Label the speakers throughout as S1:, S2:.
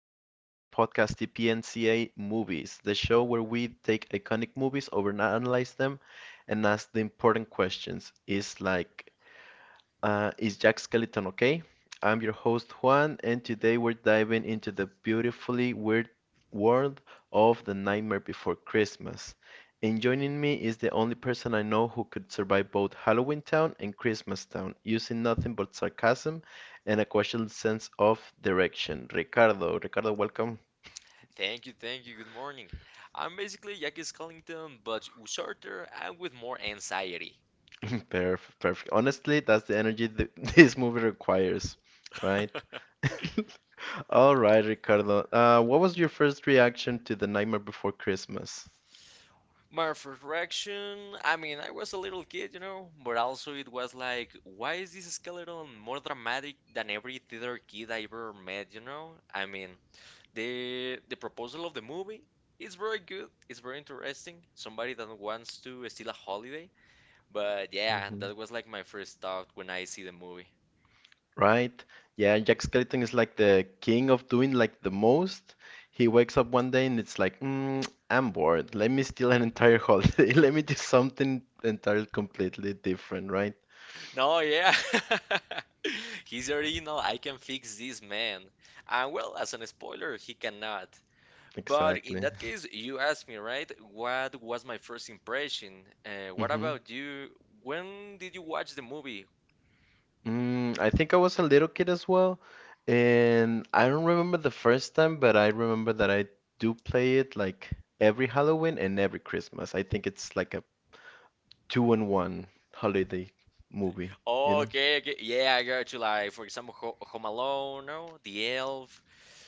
S1: podcast, TPNCA Movies, the show where we take iconic movies, overanalyze them, and ask the important questions. Is Jack Skeleton okay? I'm your host Juan, and today we're diving into the beautifully weird world of The Nightmare Before Christmas. And joining me is the only person I know who could survive both Halloween Town and Christmas Town, using nothing but sarcasm and a questionable sense of direction. Ricardo, welcome.
S2: Thank you, thank you. Good morning. I'm basically Jackie Skellington, but shorter and with more anxiety.
S1: Perfect. Honestly, that's the energy this movie requires, right? All right, Ricardo. What was your first reaction to The Nightmare Before Christmas?
S2: My first reaction, I mean, I was a little kid, you know, but also it was like, why is this skeleton more dramatic than every theater kid I ever met, you know? I mean, the proposal of the movie is very good, it's very interesting. Somebody that wants to steal a holiday, but yeah,
S1: Hmm.
S2: that was like my first thought when I see the movie.
S1: Right? Yeah, Jack Skellington is like the king of doing like the most. He wakes up one day and it's like, I'm bored. Let me steal an entire holiday. Let me do something entirely completely different, right?
S2: No, yeah. He's original. I can fix this man. And well, as an spoiler, he cannot. But in
S1: Exactly.
S2: that case, you asked me, right? What was my first impression? What
S1: Hmm.
S2: about you? When did you watch the movie?
S1: Mm, I think I was a little kid as well, and I don't remember the first time, but I remember that I do play it like every Halloween and every Christmas. I think it's like a two in one holiday movie, you
S2: Oh,
S1: know?
S2: okay, okay. Yeah, I got you. Like, for example, Ho Home Alone, no? The Elf.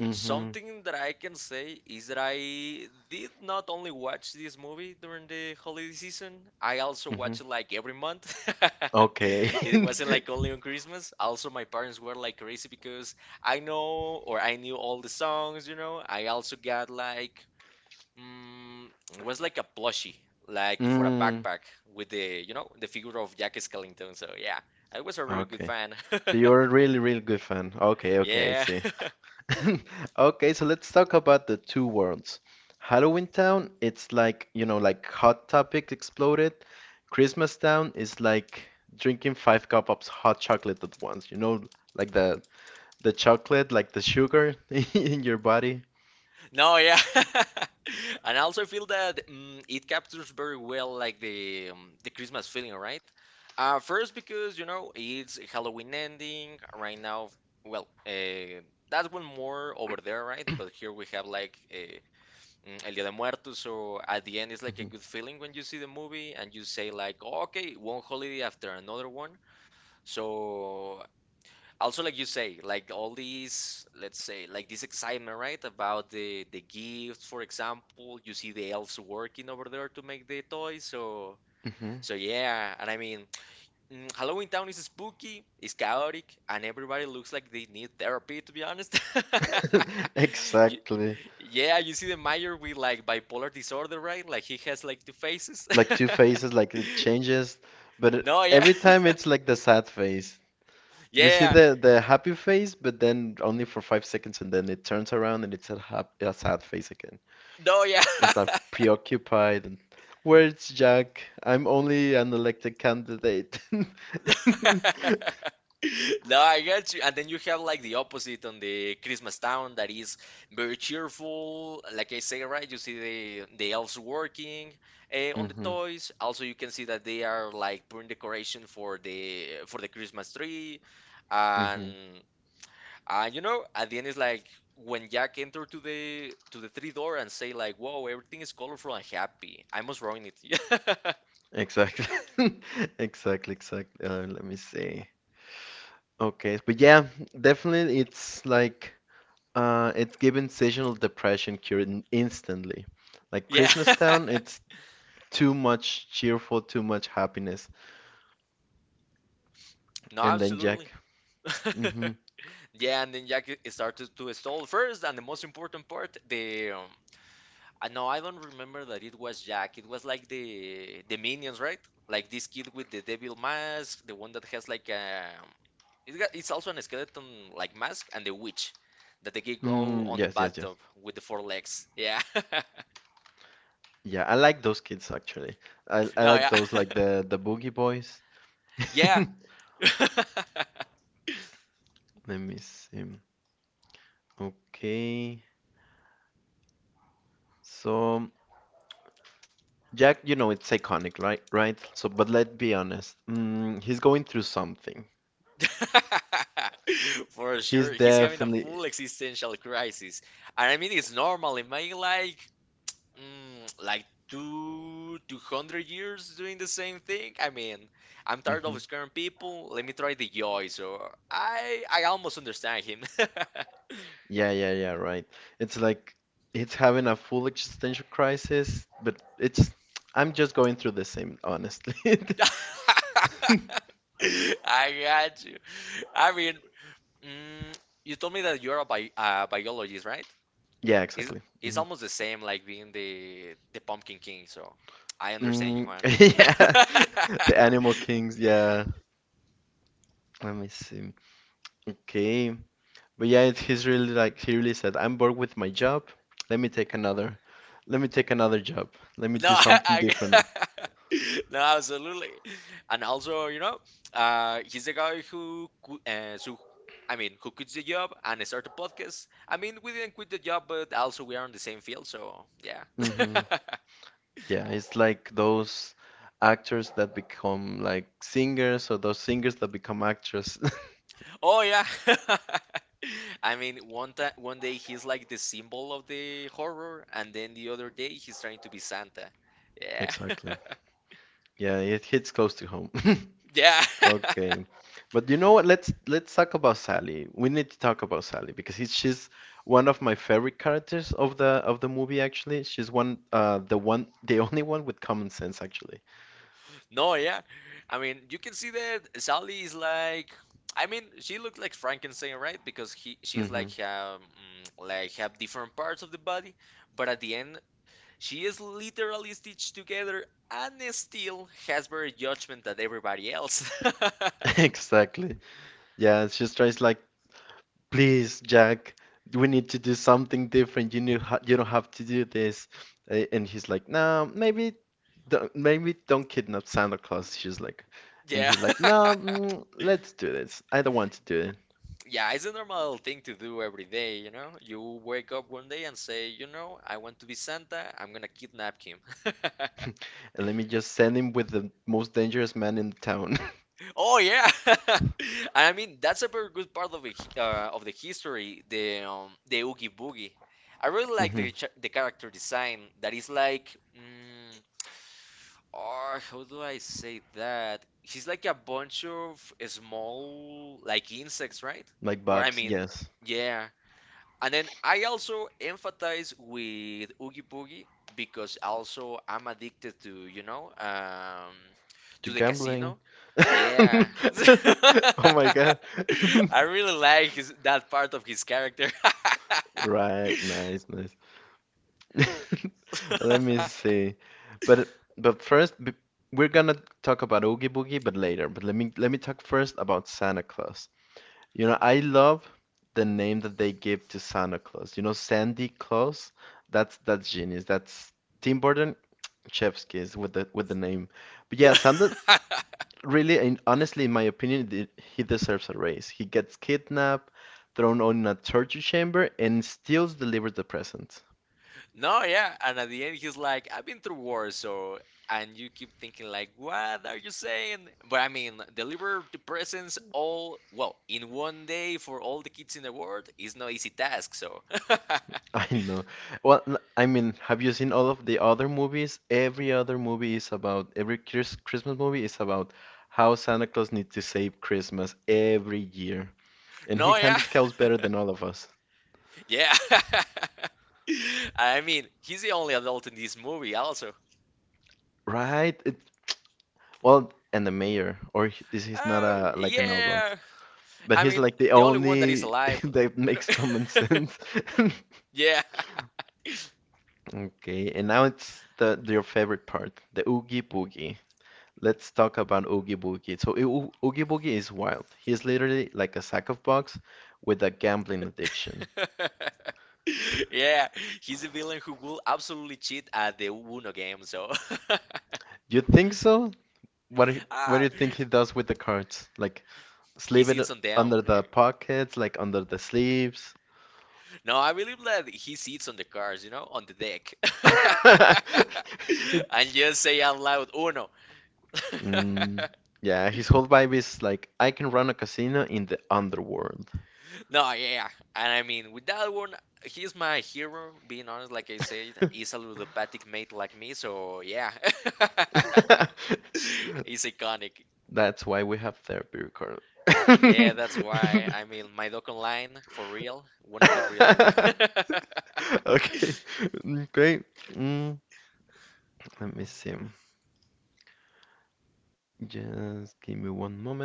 S1: Mm-hmm.
S2: Something that I can say is that I did not only watch this movie during the holiday season, I also
S1: Mm-hmm.
S2: watch it like every month.
S1: Okay.
S2: It wasn't like only on Christmas. Also, my parents were like crazy because I know or I knew all the songs, you know. I also got like, mm, it was like a plushie, like for a
S1: Mm,
S2: backpack with the figure of Jack Skellington. So, yeah, I was a very good
S1: okay.
S2: fan.
S1: So you're a really, really good fan. Okay, okay, I
S2: Yeah.
S1: see. Okay, so let's talk about the two worlds. Halloween Town, it's like, you know, like Hot Topic exploded. Christmas Town is like drinking five cup of hot chocolate at once, you know, like the chocolate, like the sugar in your body.
S2: No, yeah. And I also feel that it captures very well like the Christmas feeling, right? First, because you know it's Halloween ending right now. Well, that's one more over there, right? But here we have like El Día de Muertos, so at the end it's like a
S1: Mhm,
S2: good feeling when you see the movie and you say like, "Oh, okay, one holiday after another one." So, also, like you say, like all these, let's say, like this excitement, right, about the gifts. For example, you see the elves working over there to make the toys, so yeah, and I mean, Halloween Town is spooky, it's chaotic, and everybody looks like they need therapy, to be honest.
S1: mhm.
S2: Y-
S1: Exactly.
S2: yeah, you see the mayor with like bipolar disorder, right, like he has like two faces.
S1: Like two faces, like it changes, but
S2: No, yeah.
S1: every time it's like the sad face. You see
S2: Yeah.
S1: the happy face, but then only for 5 seconds, and then it turns around and it's a hap a sad face again.
S2: No, yeah.
S1: It's like preoccupied and where's Jack? I'm only an elected candidate.
S2: No, I get you. And then you have like the opposite on the Christmas Town, that is very cheerful. Like I say, right? You see the elves working on the
S1: Mm-hmm.
S2: toys. Also, you can see that they are like putting decoration for the Christmas tree.
S1: Mm-hmm.
S2: And and you know, at the end it's like when Jack enter to the tree door and say like, "Whoa, everything is colorful and happy. I must ruin it."
S1: Exactly. Exactly, exactly. Let me see. Okay, but yeah, definitely it's like it's given seasonal depression cure instantly. Like
S2: Yeah.
S1: Christmas Town, it's too much cheerful, too much happiness.
S2: No,
S1: And then Jack.
S2: absolutely.
S1: Mm-hmm.
S2: Yeah, and then Jack started to stall first, and the most important part, the no, I don't remember that it was Jack. It was like the minions, right? Like this kid with the devil mask, the one that has like it's also an skeleton like mask, and the witch that they can go
S1: Mm,
S2: on the
S1: yes, yes, yes.
S2: bathtub with the four legs. Yeah.
S1: Yeah, I like those kids actually. I
S2: No,
S1: like
S2: yeah.
S1: those like the Boogie Boys.
S2: Yeah.
S1: Let me see. Okay. So Jack, you know, it's iconic, right? Right? So, but let's be honest. Mm, he's going through something.
S2: For
S1: He's
S2: sure, he's having a
S1: definitely.
S2: full existential crisis, and I mean it's normal. Imagine like, like two hundred years doing the same thing. I mean, I'm tired
S1: Hmm.
S2: of scaring people. Let me try the joy. So I almost understand him.
S1: Yeah, yeah, yeah, right. It's like it's having a full existential crisis, but it's I'm just going through the same, honestly.
S2: I got you. I mean, mm, you told me that you're a bi biologist, right?
S1: Yeah,
S2: It's
S1: exactly.
S2: it's
S1: Mm-hmm.
S2: almost the same like being the Pumpkin King, so I understand you,
S1: Mm,
S2: Juan.
S1: yeah, the Animal Kings. Yeah, let me see. Okay, but yeah, he's really like he really said, "I'm bored with my job. Let me take another. Let me take another job. Let me
S2: No,
S1: do something different."
S2: I no, absolutely. And also, you know, he's the guy who so I mean, who quits the job and start a podcast. I mean, we didn't quit the job, but also we are in the same field, so yeah.
S1: Hmm. Yeah, it's like those actors that become like singers, or those singers that become actors.
S2: Oh yeah. I mean, one time, one day he's like the symbol of the horror, and then the other day he's trying to be Santa. Yeah.
S1: Exactly. Yeah, it hits close to home.
S2: Yeah.
S1: Okay. But you know what? Let's talk about Sally. We need to talk about Sally because she's one of my favorite characters of the movie actually. She's one the one the only one with common sense actually.
S2: No, yeah. I mean, you can see that Sally is like, I mean, she looks like Frankenstein, right? Because he she's
S1: Mm-hmm.
S2: like like have different parts of the body, but at the end she is literally stitched together and still has better judgment than everybody else.
S1: Exactly. Yeah, she tries like, please, Jack, we need to do something different. You don't have to do this. And he's like, no, maybe don't kidnap Santa Claus. She's like, and
S2: Yeah.
S1: he's like, no, let's do this. I don't want to do
S2: Yeah, it's a normal thing to do every day, you know? You wake up one day and say, I want to be Santa, I'm gonna kidnap him.
S1: And let me just send him with the most dangerous man in the town.
S2: Oh yeah. And I mean, that's a very good part of the history, the Oogie Boogie. I really like
S1: Hmm.
S2: the character design that is like oh, how do I say that? He's like a bunch of small like insects, right?
S1: Like
S2: Or I
S1: Bucks,
S2: mean,
S1: yes.
S2: yeah. And then I also empathize with Oogie Boogie because also I'm addicted to, you know, um,
S1: To
S2: to the
S1: gambling.
S2: casino. Yeah.
S1: Oh my God.
S2: I really like that part of his character.
S1: Right, nice, nice. Let me see. But but first b- we're gonna talk about Oogie Boogie, but later. But let me talk first about Santa Claus. You know, I love the name that they give to Santa Claus. You know, Sandy Claus. That's genius. That's Tim Burton, chef's kiss with the name. But yeah,
S2: The-
S1: Santa really, and honestly, in my opinion, he deserves a raise. He gets kidnapped, thrown on a torture chamber, and still delivers the present.
S2: No, yeah. And at the end, he's like, I've been through wars, so. And you keep thinking, like, what are you saying? But I mean, deliver the presents all, well, in one day for all the kids in the world is no easy task, so.
S1: I know. Well, I mean, have you seen all of the other movies? Every Christmas movie is about how Santa Claus needs to save Christmas every year. And he
S2: No, yeah.
S1: handles cows better than all of us.
S2: Yeah. I mean, he's the only adult in this movie, also.
S1: Right? Well, and the mayor, this is not
S2: Oh,
S1: a like an outlaw,
S2: yeah.
S1: but
S2: I
S1: he's
S2: mean,
S1: like the
S2: the only one that is
S1: only
S2: alive,
S1: that
S2: you
S1: makes common
S2: know.
S1: sense.
S2: Yeah.
S1: Okay, and now it's the your favorite part, the Oogie Boogie. Let's talk about Oogie Boogie. So Oogie Boogie is wild. He's literally like a sack of box with a gambling addiction.
S2: Yeah, he's the villain who will absolutely cheat at the Uno game, so.
S1: You think so? What do what do
S2: ah,
S1: you think he does with the cards? Like
S2: he
S1: sleeve it
S2: sits on them.
S1: under the pockets, like under the sleeves.
S2: No, I believe that he sits on the cards, you know, on the deck. And just say out loud, Uno.
S1: Mm, yeah, his whole vibe is like I can run a casino in the underworld.
S2: No, yeah. And I mean, with that one, he's my hero, being honest, like I said. He's a ludopathic mate like me, so yeah. He's iconic.
S1: That's why we have therapy record.
S2: Yeah, that's why. I mean, my doc online for real, one of the reals one.
S1: Okay, great. Mm, let me see. Just give me one moment.